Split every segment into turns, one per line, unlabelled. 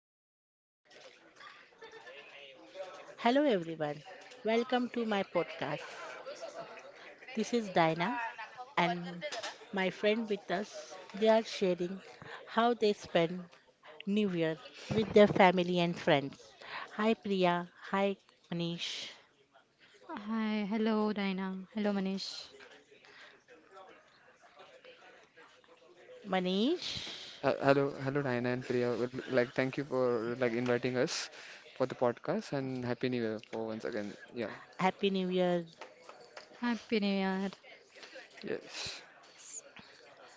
start. Hello everyone. Welcome to my podcast. This is Dina and my friend with us. They are sharing how they spend New Year with their family and friends. Hi Priya. Hi Manish.
Hi, hello Dina. Hello Manish.
Manish,
Hello, hello, Diana and Priya. Well, thank you for inviting us for the podcast and happy new year for once again. Yeah.
Happy New Year.
Happy New Year.
Yes.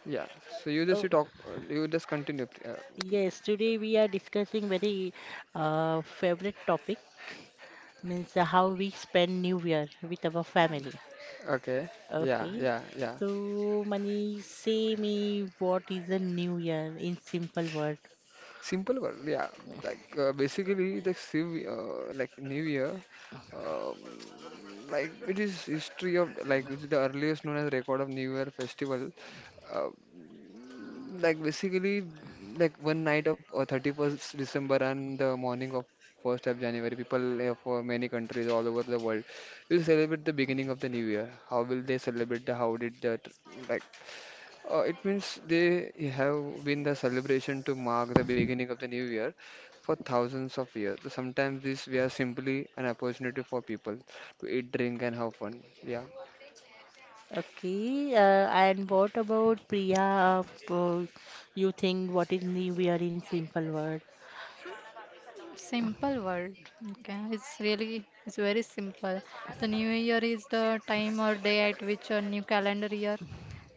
Yeah. So you just you
Oh,
talk. You just continue, Priya.
yes, today we are discussing very favorite topic means how we spend New Year with our family.
Okay. Yeah,
Okay.
yeah, yeah.
So, Mani, say me what is a new year in simple word.
Simple word. Yeah. Basically the civ like New Year, um like it is history of like it is the earliest known as record of New Year festival. Uh, Like basically, like one night of 31st December and the morning of 1st of January, people for many countries all over the world will celebrate the beginning of the new year. How will they celebrate the, how did that, like, it means they have been the celebration to mark the beginning of the new year for thousands of years. So sometimes this we are simply an opportunity for people to eat, drink and have fun. Yeah.
Okay. And what about Priya? You think what is new year in simple word?
Simple word. Okay, it's really it's very simple. The new year is the time or day at which a new calendar year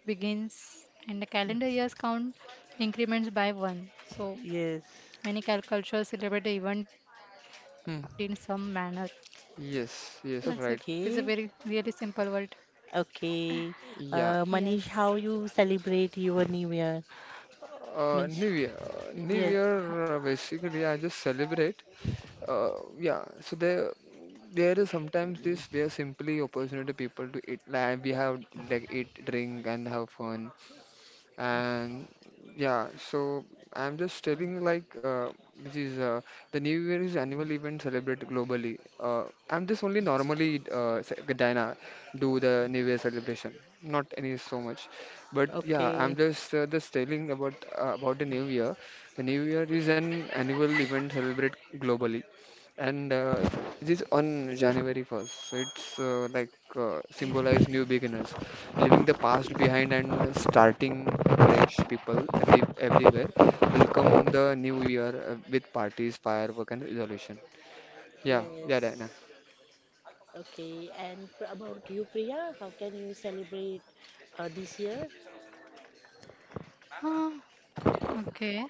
begins, and the calendar years count increments by one. So
Yes.
many cultures celebrate the event in some manner.
Hmm.
That's it. It's a
Yes,
very
yes, right.
really simple
Okay.
word.
Okay.
Yes.
Yeah.
Manish, how you celebrate your new year? Means,
New Year, New
yes.
Year. Basically, I just celebrate. Uh, yeah. So there is sometimes this. There are simply opportunity people to eat. Like we have like eat, drink, and have fun and yeah, so I'm just telling you which is the new year is annual event celebrated globally, I'm just only normally Dina do the new year celebration not any so much, but yeah I'm
Okay.
just telling about the new year. The new year is an annual event celebrated globally and it is on January 1st, so it's symbolize new beginners leaving the past behind and starting afresh. People everywhere welcome the new year with parties, firework, and resolution. Yeah, yeah, Diana.
Yes. Okay, and about you, Priya, how can you celebrate this year?
Ah, okay.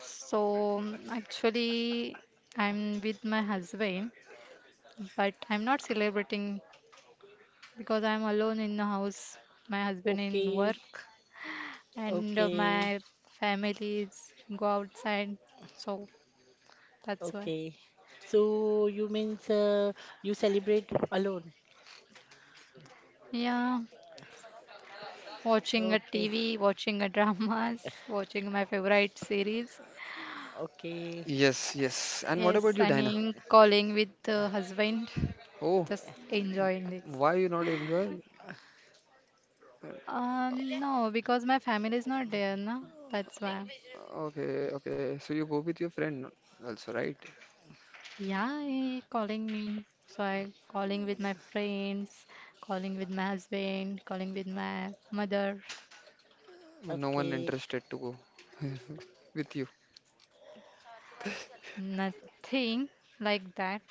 So actually, I'm with my husband, but I'm not celebrating because I'm alone in the house. My husband in
Okay,
work, and
okay,
my family is go outside. So that's why.
okay. So you means you celebrate alone?
Yeah, watching a
Okay,
TV, watching a dramas, watching my favorite series.
okay,
Yes, yes. And what about
Yes,
you,
and
Diana?
in calling with the husband,
Oh,
just enjoying this.
why you not enjoy?
No, because my family is not there, no? That's why.
Okay, okay. So you go with your friend also, right?
Yeah, he calling me. So I calling with my friends, calling with my husband, calling with my mother.
But no one
okay.
interested to go with you.
Nothing like that.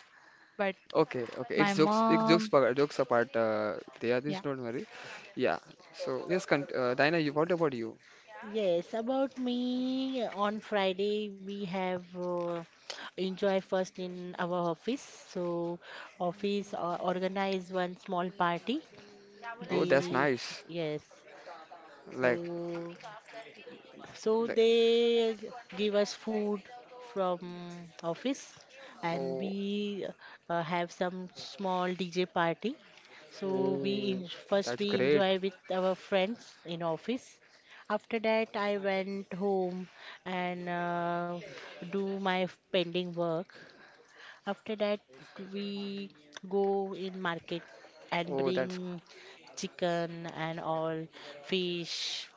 But
Okay, okay.
my
It's jokes. It's jokes.
mom,
Jokes apart. Priya, this
yeah.
don't worry. Yeah. So yes, cont Diana, you, what about you?
Yes, about me, on Friday we have enjoy first in our office. So office organize one small party.
Oh, that's
They
nice.
Yes.
Like.
So So
Like,
they give us food from office and
oh,
we have some small DJ party. So we
oh,
first
that's
we
great.
enjoy with our friends in office. After that, I went home and do my pending work. After that, we go in market and
Oh, that's,
bring chicken and all fish,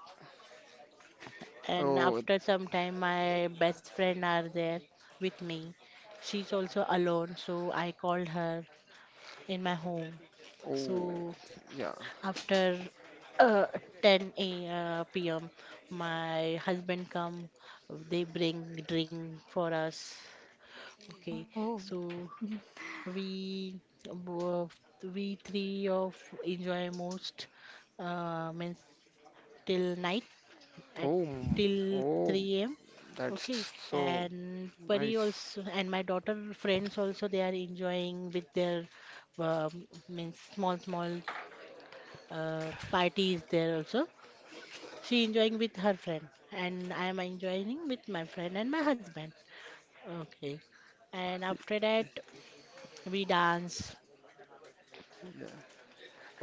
and
oh,
after some time my best friend are there with me. She's also alone, so I called her in my home. So
oh, yeah.
after uh, 10 a pm, my husband come. They bring drink for us. Okay,
Oh.
so
Mhm.
we uh, we three of enjoy most means till night, at
Oh, m-
till
oh,
3 a.m.
that's
Okay,
so
and Pari
nice.
also, and my daughter friends also, they are enjoying with their means small small parties there also. She enjoying with her friend, and I am enjoying with my friend and my husband. Okay, and after that we dance.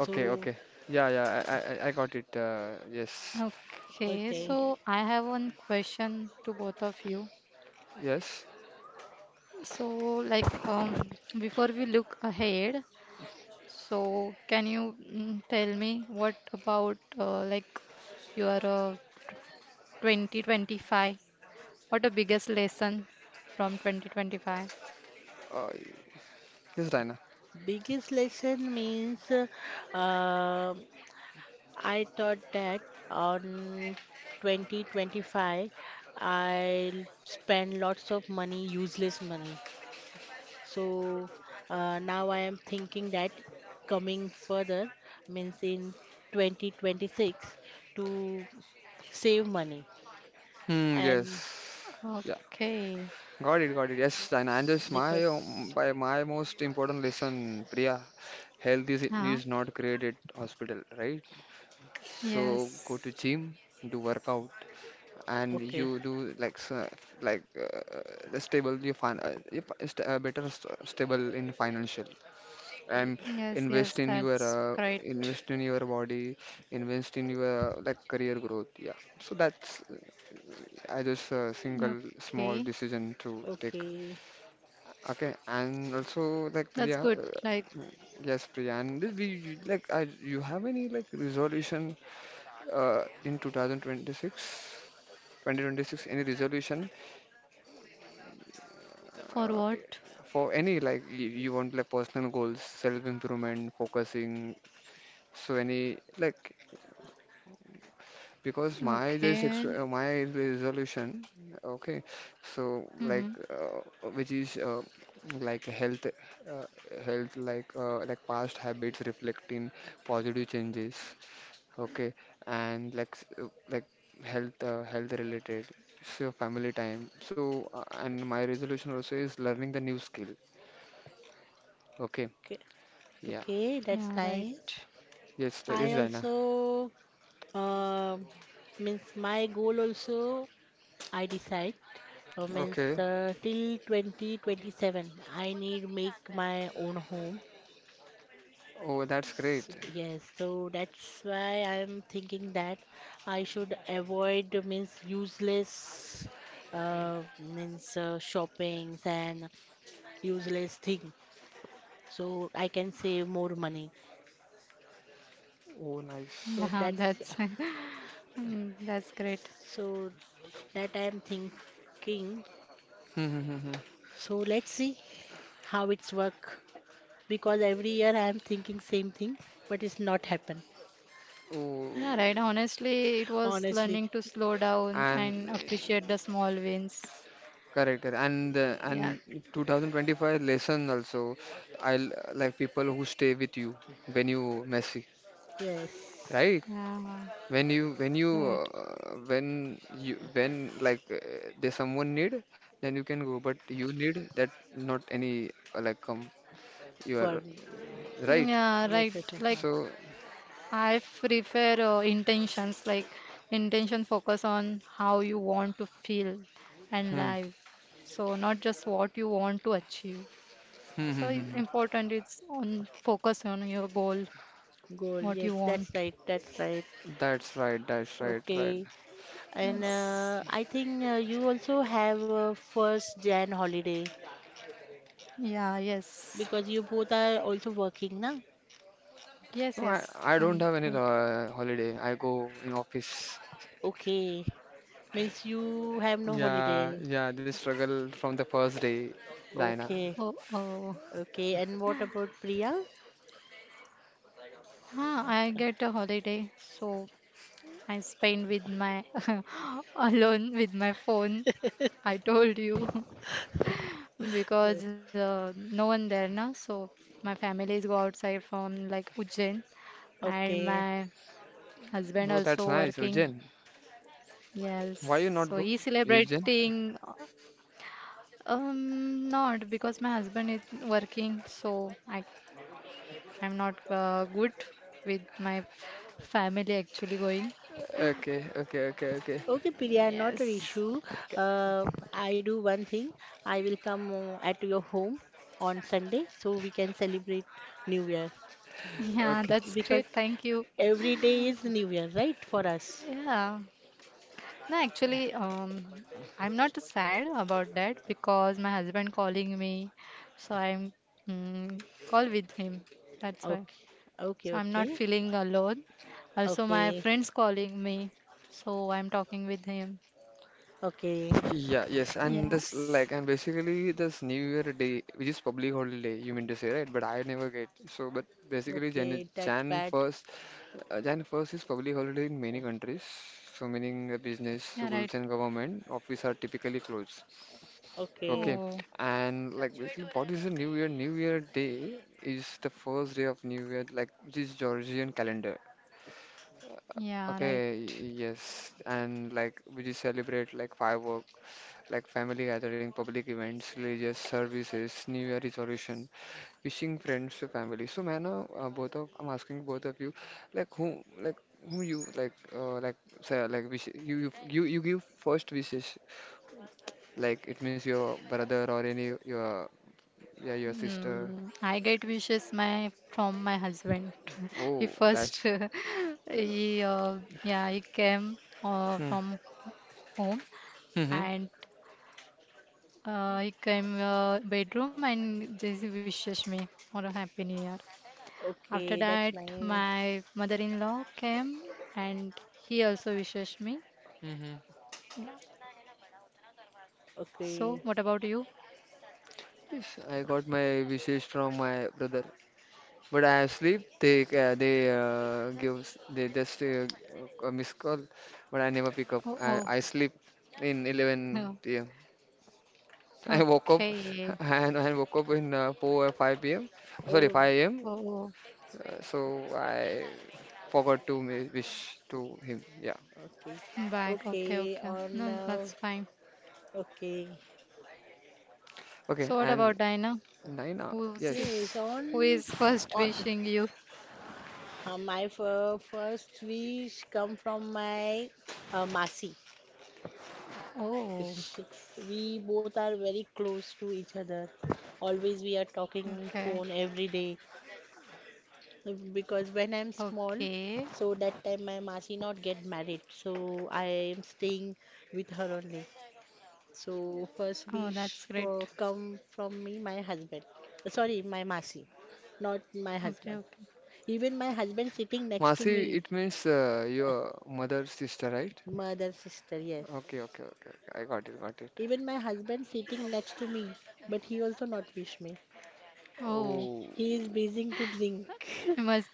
Okay, okay. Yeah, yeah. I got it. Yes,
Okay,
okay,
so I have one question to both of you.
yes.
So, before we look ahead, so, can you tell me what about like your 2025? What the biggest lesson from 2025?
Uh, yes, Diana.
biggest lesson means uh, I thought that on 2025 I'll spend lots of money, useless money. So now I am thinking that coming further means in 2026 to save money.
Hmm.
And
Yes. Yeah.
Okay.
Got it. Got it. Yes, Diana. And this
because,
my by my most important lesson, Priya. Health is
Yeah.
not created hospital, right? So go to
Yes.
gym, do workout and
okay,
you do like so, like uh, the stable you find you fi- st better st stable in financial and
yeah,
invest
Yes,
in your
yes,
uh,
that's great.
invest in your body, invest in your like career growth. Yeah, so that's I just single small decision
Okay.
to take.
okay,
Okay, and also like
That's
Priya,
good. Like
yes Priya, and did like I you have any like resolution in 2026 any resolution, uh,
for what?
for any like you want like personal goals self improvement focusing, so any like, because my just ex my
Okay.
resolution. Okay, so like
Mm-hmm.
which is like health like past habits reflecting positive changes. Okay, and like like health related, so family time, so and my resolution also is learning the new skill. Okay.
okay,
Yeah.
okay, that's
Yeah,
nice.
right.
Yes,
I
yes, Diana.
also um means my goal also I decide uh, means
Okay.
uh, till 2027 I need make my own home.
Oh, that's great.
Yes, so that's why I'm thinking that I should avoid means useless means shoppings and useless thing. So I can save more money.
Oh, nice.
So
Yeah, that's that's great.
so that I am thinking.
Hmm, hmm, hmm, hmm.
So let's see how it's work. Because every year I am thinking same thing, but it's not happen.
Yeah,
Oh,
right. Honestly, it was
Honestly,
learning to slow down
and
and appreciate the small wins.
correct, correct. And
Yeah.
2025 lesson also. I'll like people who stay with you when you messy,
yes,
right?
Yeah.
When you when you
Right.
when you when like there's someone need, then you can go. But you need that not any like come. You
for
are
me.
right.
Yeah, right.
Yes, yes,
Like
yes, ma'am.
So.
I prefer intentions. Like intention focus on how you want to feel and
Hmm.
live. So not just what you want to achieve. So it's important. It's on focus on your goal,
Goal.
what you
Yes, that's
want.
right. That's right.
That's right, right.
Okay. And
Yes.
I think you also have a first Jan holiday
Yeah. Yes.
because you both are also working, na?
Yes.
No, I,
Yes.
I don't
I'm.
have any
Okay.
holiday. I go in office.
Okay. Means you have no
Yeah,
holiday.
yeah, this struggle from the first day, Diana.
Okay.
Oh, oh,
Okay. And what about Priya?
huh,
Uh,
I get a holiday, so I spend with my alone with my phone. I told you because no one there now, so my families go outside from like Ujjain, and
Okay.
my husband
Oh, that's
also
nice,
working.
Eugen.
Yes,
Why you not
so
go,
he's
Eugen?
celebrating. Um, Not because my husband is working, so I I'm not good with my family actually going.
Okay, okay, okay, okay.
Okay, Priya, not an
Yes.
issue. Uh, I do one thing. I will come at your home on Sunday so we can celebrate New Year,
Yeah,
Okay,
that's
because
great. Thank you.
every day is New Year, right, for us?
Yeah. No, actually, I'm not sad about that because my husband calling me, so I'm mm, call with him. That's why.
Okay, okay,
So I'm not
okay,
feeling alone. Also, my
okay,
friends calling me, so I'm talking with him.
okay,
yeah, yes, and this like
Yes.
and basically this New Year Day, which is public holiday, you mean to say, right? But I never get so. But basically, Jan
okay, that's
Jan
bad.
first, Jan 1st is public holiday in many countries. So meaning the business,
Yeah, right.
schools, and government office are typically closed.
Okay,
Okay,
Oh,
and like basically, what is the New Year? New Year Day is the first day of New Year, like which is Georgian calendar.
yeah, right.
Okay, yes, and like we just celebrate like fireworks, like family gathering, public events, religious services, New Year resolution, wishing friends to family. So, man, both of I'm asking both of you, like who you like say, like wish you give first wishes, like it means your brother or any your, yeah, your sister.
I get wishes my from my husband. He
Oh,
first
that's
he came
hmm.
from home
Mm-hmm.
and he came bedroom and just wishes me for a happy new year. After
okay,
that,
that's
my
nice.
mother-in-law came and he also wishes me.
Mm-hmm.
Yeah. So
Okay,
what about you?
Yes, I got my wishes from my brother. But I sleep. They gives they just a missed call, but I never pick up.
Oh,
I,
oh,
I sleep in
no.
11 p.m. I woke up
Okay.
and I woke up in 4 or 5 p.m. Sorry,
oh,
5 a.m.
Oh, oh.
So I forgot to wish to him. Yeah.
okay,
Bag. Okay,
okay,
okay.
on,
No, that's fine.
okay,
Okay.
So what
And
about Diana?
Naina,
Who see,
yes,
yes.
who
on,
is first
on.
wishing you?
My first wish come from my Masi.
Oh,
Sh- We both are very close to each other. Always we are talking on
okay,
phone every day, because when I'm small,
okay.
so that time my Masi not get married, so I am staying with her only. So first
Oh, that's
wish
great.
for come from me, my husband. Sorry, my Masi, not my
Okay,
husband.
okay.
Even my husband sitting next to
Masi,
me,
it means your mother's sister, right?
mother sister, yes.
Okay, okay, okay, okay. I got it, got it.
Even my husband sitting next to me, but he also not wish me.
Oh,
Oh.
He is busy to
I
drink.
must.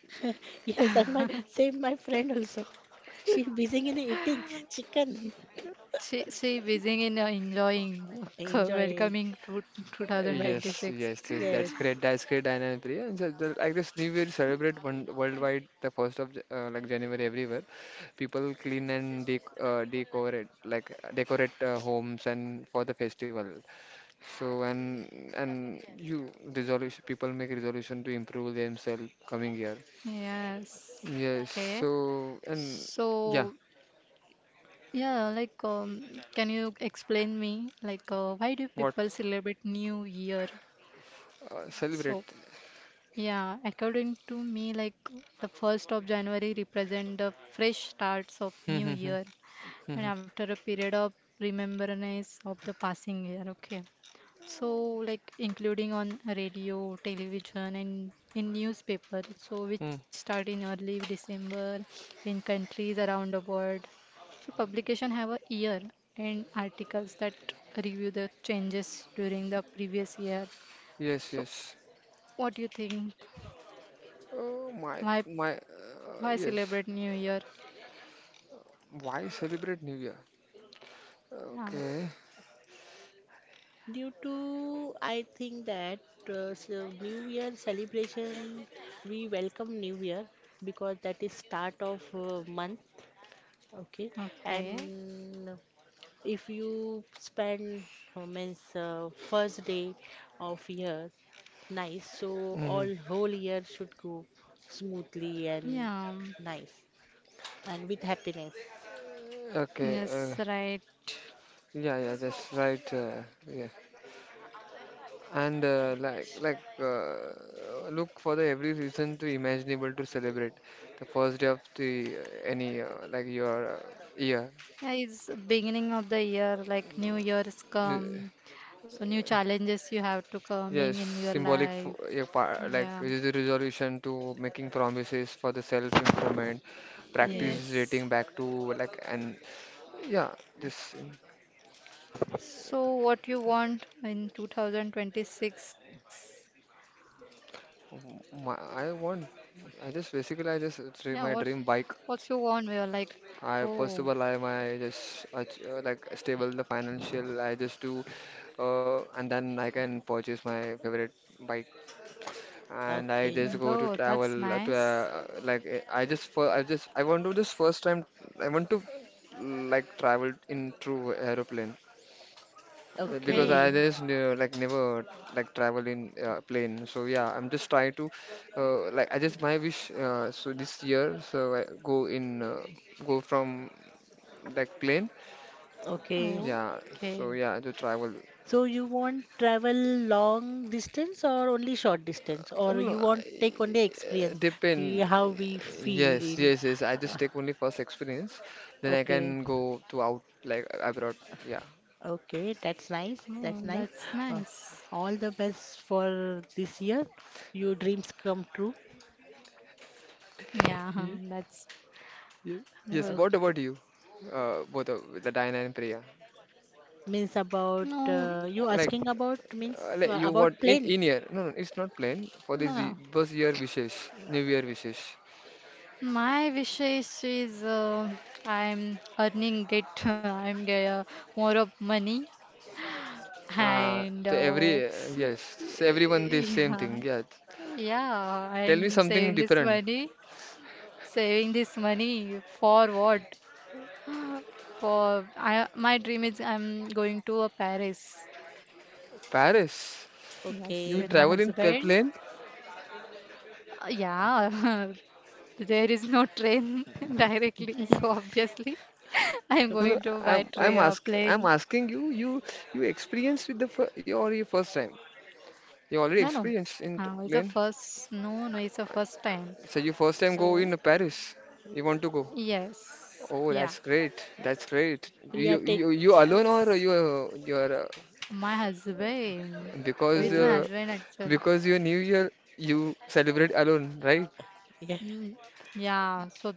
Yes, and my same my friend also. She busy in eating chicken.
She wishing in enjoying
Enjoy.
welcoming to
Uh, yes,
Welcome.
2026.
yes, yes, that's
Yes.
great. That's great, Diana and Priya. And so the, like this New Year celebrate one, worldwide the first of like January everywhere. People clean and decorate like decorate homes and for the festival. So and you resolution, people make resolution to improve themselves coming year.
Yes.
Yes.
Okay.
So and
So
yeah,
yeah, like can you explain me like why do
what
people celebrate New Year?
celebrate?
So yeah, according to me, like the 1st of January represent the fresh starts of
Hmm,
new
hmm, hmm,
year
hmm,
and
hmm,
after a period of remembrance of the passing year, okay. So like including on radio, television and in newspaper, so which
hmm.
start in early December in countries around the world. So publication have a year and articles that review the changes during the previous year.
Yes,
So
yes.
what do you think?
Oh my,
Why
my.
Why
Yes.
celebrate New Year?
Why celebrate New Year?
Yeah.
Okay.
Due to I think that so New Year celebration, we welcome New Year because that is start of month. Okay,
Okay.
and if you spend means first day of year nice, so
Hmm.
all whole year should go smoothly and
Yeah.
nice and with happiness.
Okay.
Yes, right.
Yeah, yeah, that's right. Yeah. And like, look for the every reason to imaginable to celebrate the first day of the any like your year.
Yeah, it's beginning of the year, like New Year's
Uh,
come. So new challenges you have to
Yes,
coming in your
symbolic for
life.
your part, like
Yeah.
it is a resolution to making promises for the self improvement,
Yes.
practice
Yes.
dating back to like and yeah, this.
So what you want in 2026?
Um, My, I want, I just basically I just
Yeah,
it's my dream bike.
what you want? We are like,
I
oh,
first of all I my just like stable the financial. I just do, and then I can purchase my favorite bike. And I
Okay.
just go to
though that's
travel to
nice.
like I just for I just I want to this first time, I want to like travel in through aeroplane. Because
Okay.
I
Okay.
just ne like never like travel in plane, so yeah, I'm just trying to like I just my wish so this year so I go in go from like plane,
Okay.
Oh,
yeah, so
okay.
yeah to travel.
So you want travel long distance or only short distance, or
No,
you want
I,
take only experience, ki
depend.
how we feel
Yes,
in.
yes, yes. I just take only first experience, then I
Okay.
can go to out like abroad. Yeah.
Okay, that's nice. That's
Oh,
nice.
that's
Uh,
nice.
all the best for this year. Your dreams come true.
Yeah,
Ye-
that's
ye-
good.
Yes. What
Okay.
about you? Both of the Diana and Priya.
Means about
No,
you
Like.
asking about means
Like you
about
what
plane.
in year? No, no, it's not plain for this
no.
birth year wishes, New Year wishes.
My wishes is I'm earning it. I'm get more of money and
To every yes, so everyone the same
yeah,
thing. Yeah.
yeah,
Tell me
and
something different.
saving this money for what? For I, my dream is I'm going to Paris.
Paris.
Yes,
You
Okay.
with my
travel in
husband.
plane?
Yeah, there is no train directly, so obviously I am
No, no.
going to
I'm
buy
I'm
tray a
ask I'm
plane.
asking you. You experience with the your first time. You already
No, no,
experienced in
it's a
plane.
first. No, no, it's a
Uh,
first time.
So you first time go
So
in Paris. You want to go?
yes,
Oh, that's great. That's great. You
Priya take.
alone or
yes.
you your
My husband,
because
with my
Oh,
husband actually.
because your new year you celebrate alone, right?
yeah.
Mm, yeah, so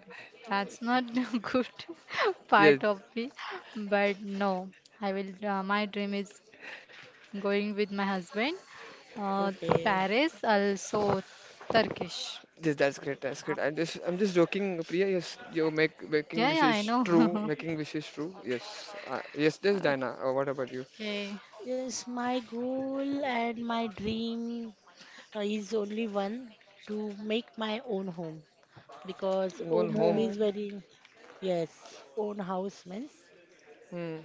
that's not good part of
Yes,
me, but no, I will. My dream is going with my husband. Uh,
Okay.
Paris, also Turkish.
yes, that's great. That's great. I'm just joking, Priya. Yes, you make making
Yeah, yeah, I
wishes true,
know.
making wishes true. Yes, yes, yes, Diana. What about you?
Okay.
Yes, my goal and my dream is only one, to make my own home, because
Own
own home
home.
is
Oh,
very, yes, own house means,
Hmm.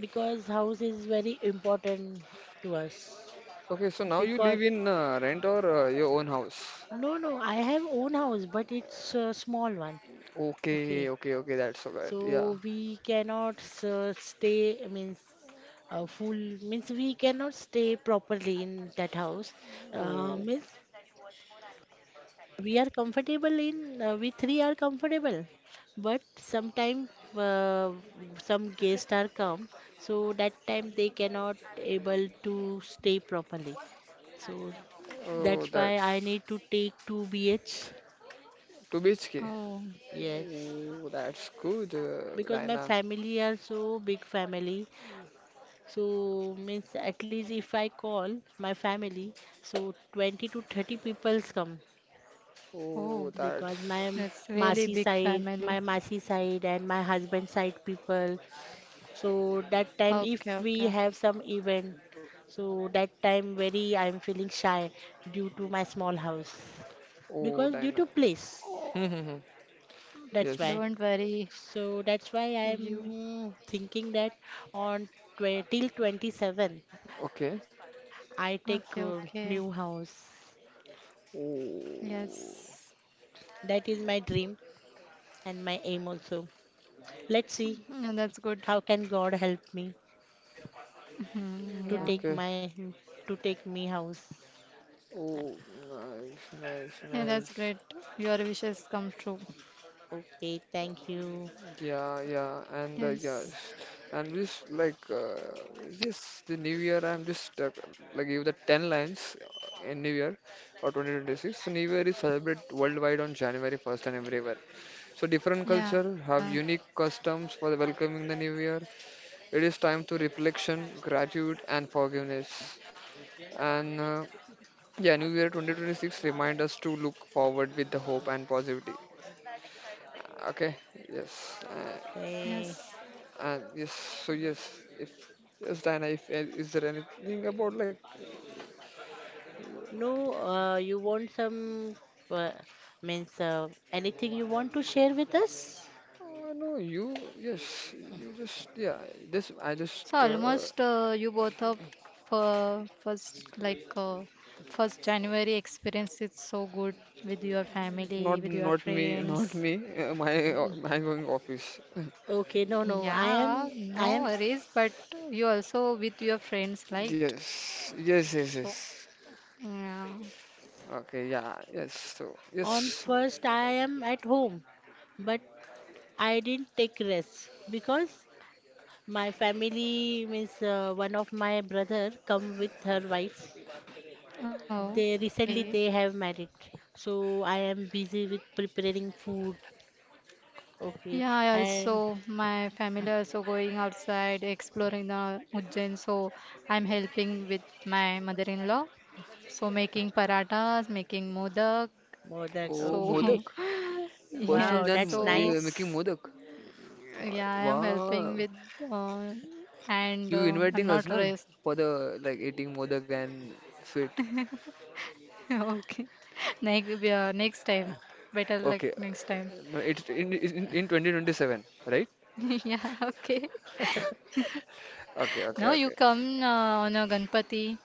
because house is very important to us.
Okay, so now you
Because
live in rent or your own house?
no, no, I have own house, but it's a small one.
Okay,
Okay,
okay, okay. That's so good. Yeah.
so we cannot stay. Means full. Means we cannot stay properly in that house.
Oh,
Means we are comfortable in. We three are comfortable, but sometime uh, some guests are come, so that time they cannot able to stay properly. So
oh,
that's why I
that's
need to take two BH.
two BHK.
oh,
Yes.
Oh, that's good,
Because my
Diana.
family are so big family. So means at least if I call my family, so 20 to 30 peoples come,
Oh,
oh.
that's.
because my
That's really
masi
big
side,
family.
my masi side and my husband side people. So that time
Okay,
if we
okay.
have some event, so that time very I'm feeling shy due to my small house,
Oh,
because due
Diana.
to place.
Oh,
Hmm, hmm, hmm.
That's
yes.
why.
don't worry.
So that's why
You.
I'm thinking that on tw till 27,
Okay.
I
Okay,
take a
okay.
new house.
Oh.
Yes.
That is my dream and my aim also. Let's see
Yeah, that's good.
how can God help me
Mhm,
to
yeah.
take
Okay.
my to take me house.
Oh, nice, nice,
Yeah, that's
nice.
great. Your wishes come true.
Okay, thank you.
Yeah, yeah, and
Yes.
yes, and this like this the new year. I'm just stuck. Like give the ten lines in New Year or 2026. So New Year is celebrated worldwide on January 1st and everywhere. So different
Yeah.
culture have unique customs for welcoming the new year. It is time to reflection, gratitude, and forgiveness. And yeah, New Year 2026 remind us to look forward with the hope and positivity. Okay, yes,
Yes.
Okay.
and yes. So yes, if yes, Diana, if is there anything about like
No, you want some uh, means anything you want to share with us?
no, you yes, you just yeah. This I just
So almost you both of first first January experience is so good with your family,
not
with your
not me, not
friends.
me. My
Mm,
my going office.
okay, no, no. I
Yeah,
am, I
no
am.
worries, but you also with your friends, right?
Yes, yes, yes,
So
yes.
yeah.
Okay, yeah, yes. So,
On
yes.
first, I am at home, but I didn't take rest because my family means one of my brother come with her wife.
Oh,
They
okay.
recently they have married, so I am busy with preparing food. Okay,
Yeah, I
and
also my family also going outside exploring the Ujjain, so I'm helping with my mother-in-law. So making paratas, making modak,
Modak.
so,
Oh,
Okay,
Modak. First of
wow,
yes,
Jan,
that's
so
you're
nice.
making Modak. Uh,
yeah, I am helping
Wow,
with uh, and
you
I'm
inviting us,
not
na,
rest.
for the like eating Modak and sweet.
Okay. Next, yeah, next time. Better luck
Okay,
next time.
no, it's in 2027, right?
Yeah, okay.
Okay, okay,
Now you
okay.
come on a Ganpati,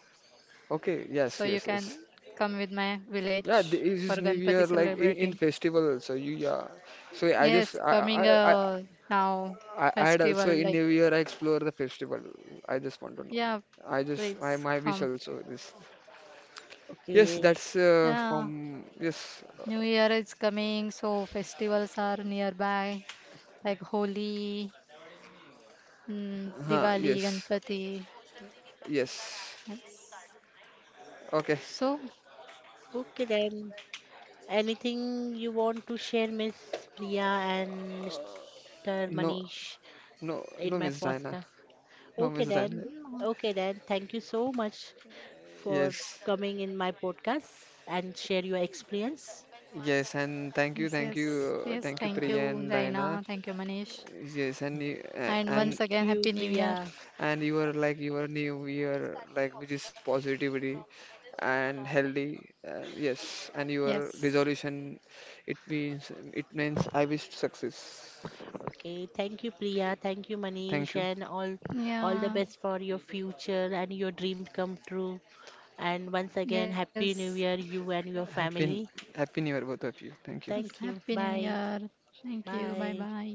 Okay, yes,
so you
yes,
can
yes.
come with my
Yeah,
village
it
for
is New
Ganpati
Year like in
celebrating.
festival also. You yeah. So I just
Yes, coming now,
I'd also
festival
in
like
New Year I explore the festival. I just want to know.
yeah,
I just I
please
my
come.
wish also this. Yes,
Okay,
that's
Yeah,
from yes,
New Year is coming, so festivals are nearby, like Holi,
huh,
Diwali,
yes,
Ganpati.
yes.
Yes.
Okay.
So,
okay then. Anything you want to share, Miss Priya and Mr.
No,
Manish,
no,
in
no,
my
Miss Diana.
podcast?
No,
Okay
Miss
then.
Diana.
mm,
Okay then. Thank you so much for
Yes.
coming in my podcast and share your experience.
Yes, and
yes, yes, yes,
thank you,
thank you,
Priya and Diana.
Diana. Thank you, Manish.
Yes,
And once
Thank
again,
you,
Happy New Year.
Priya.
and you are like your new year, like which is positivity and healthy. Yes, and your
Yes.
resolution, it means I wish success.
Okay, thank you, Priya. Thank you, Manish,
Thank you.
and all the
Yeah,
best for your future and your dream come true. And once again,
yes.
Happy New Year, you and your
Happy
family.
Happy New Year, both of you. Thank you.
Yes,
Thank you.
Happy New
Bye.
Year. Thank you. Bye
Bye.
bye.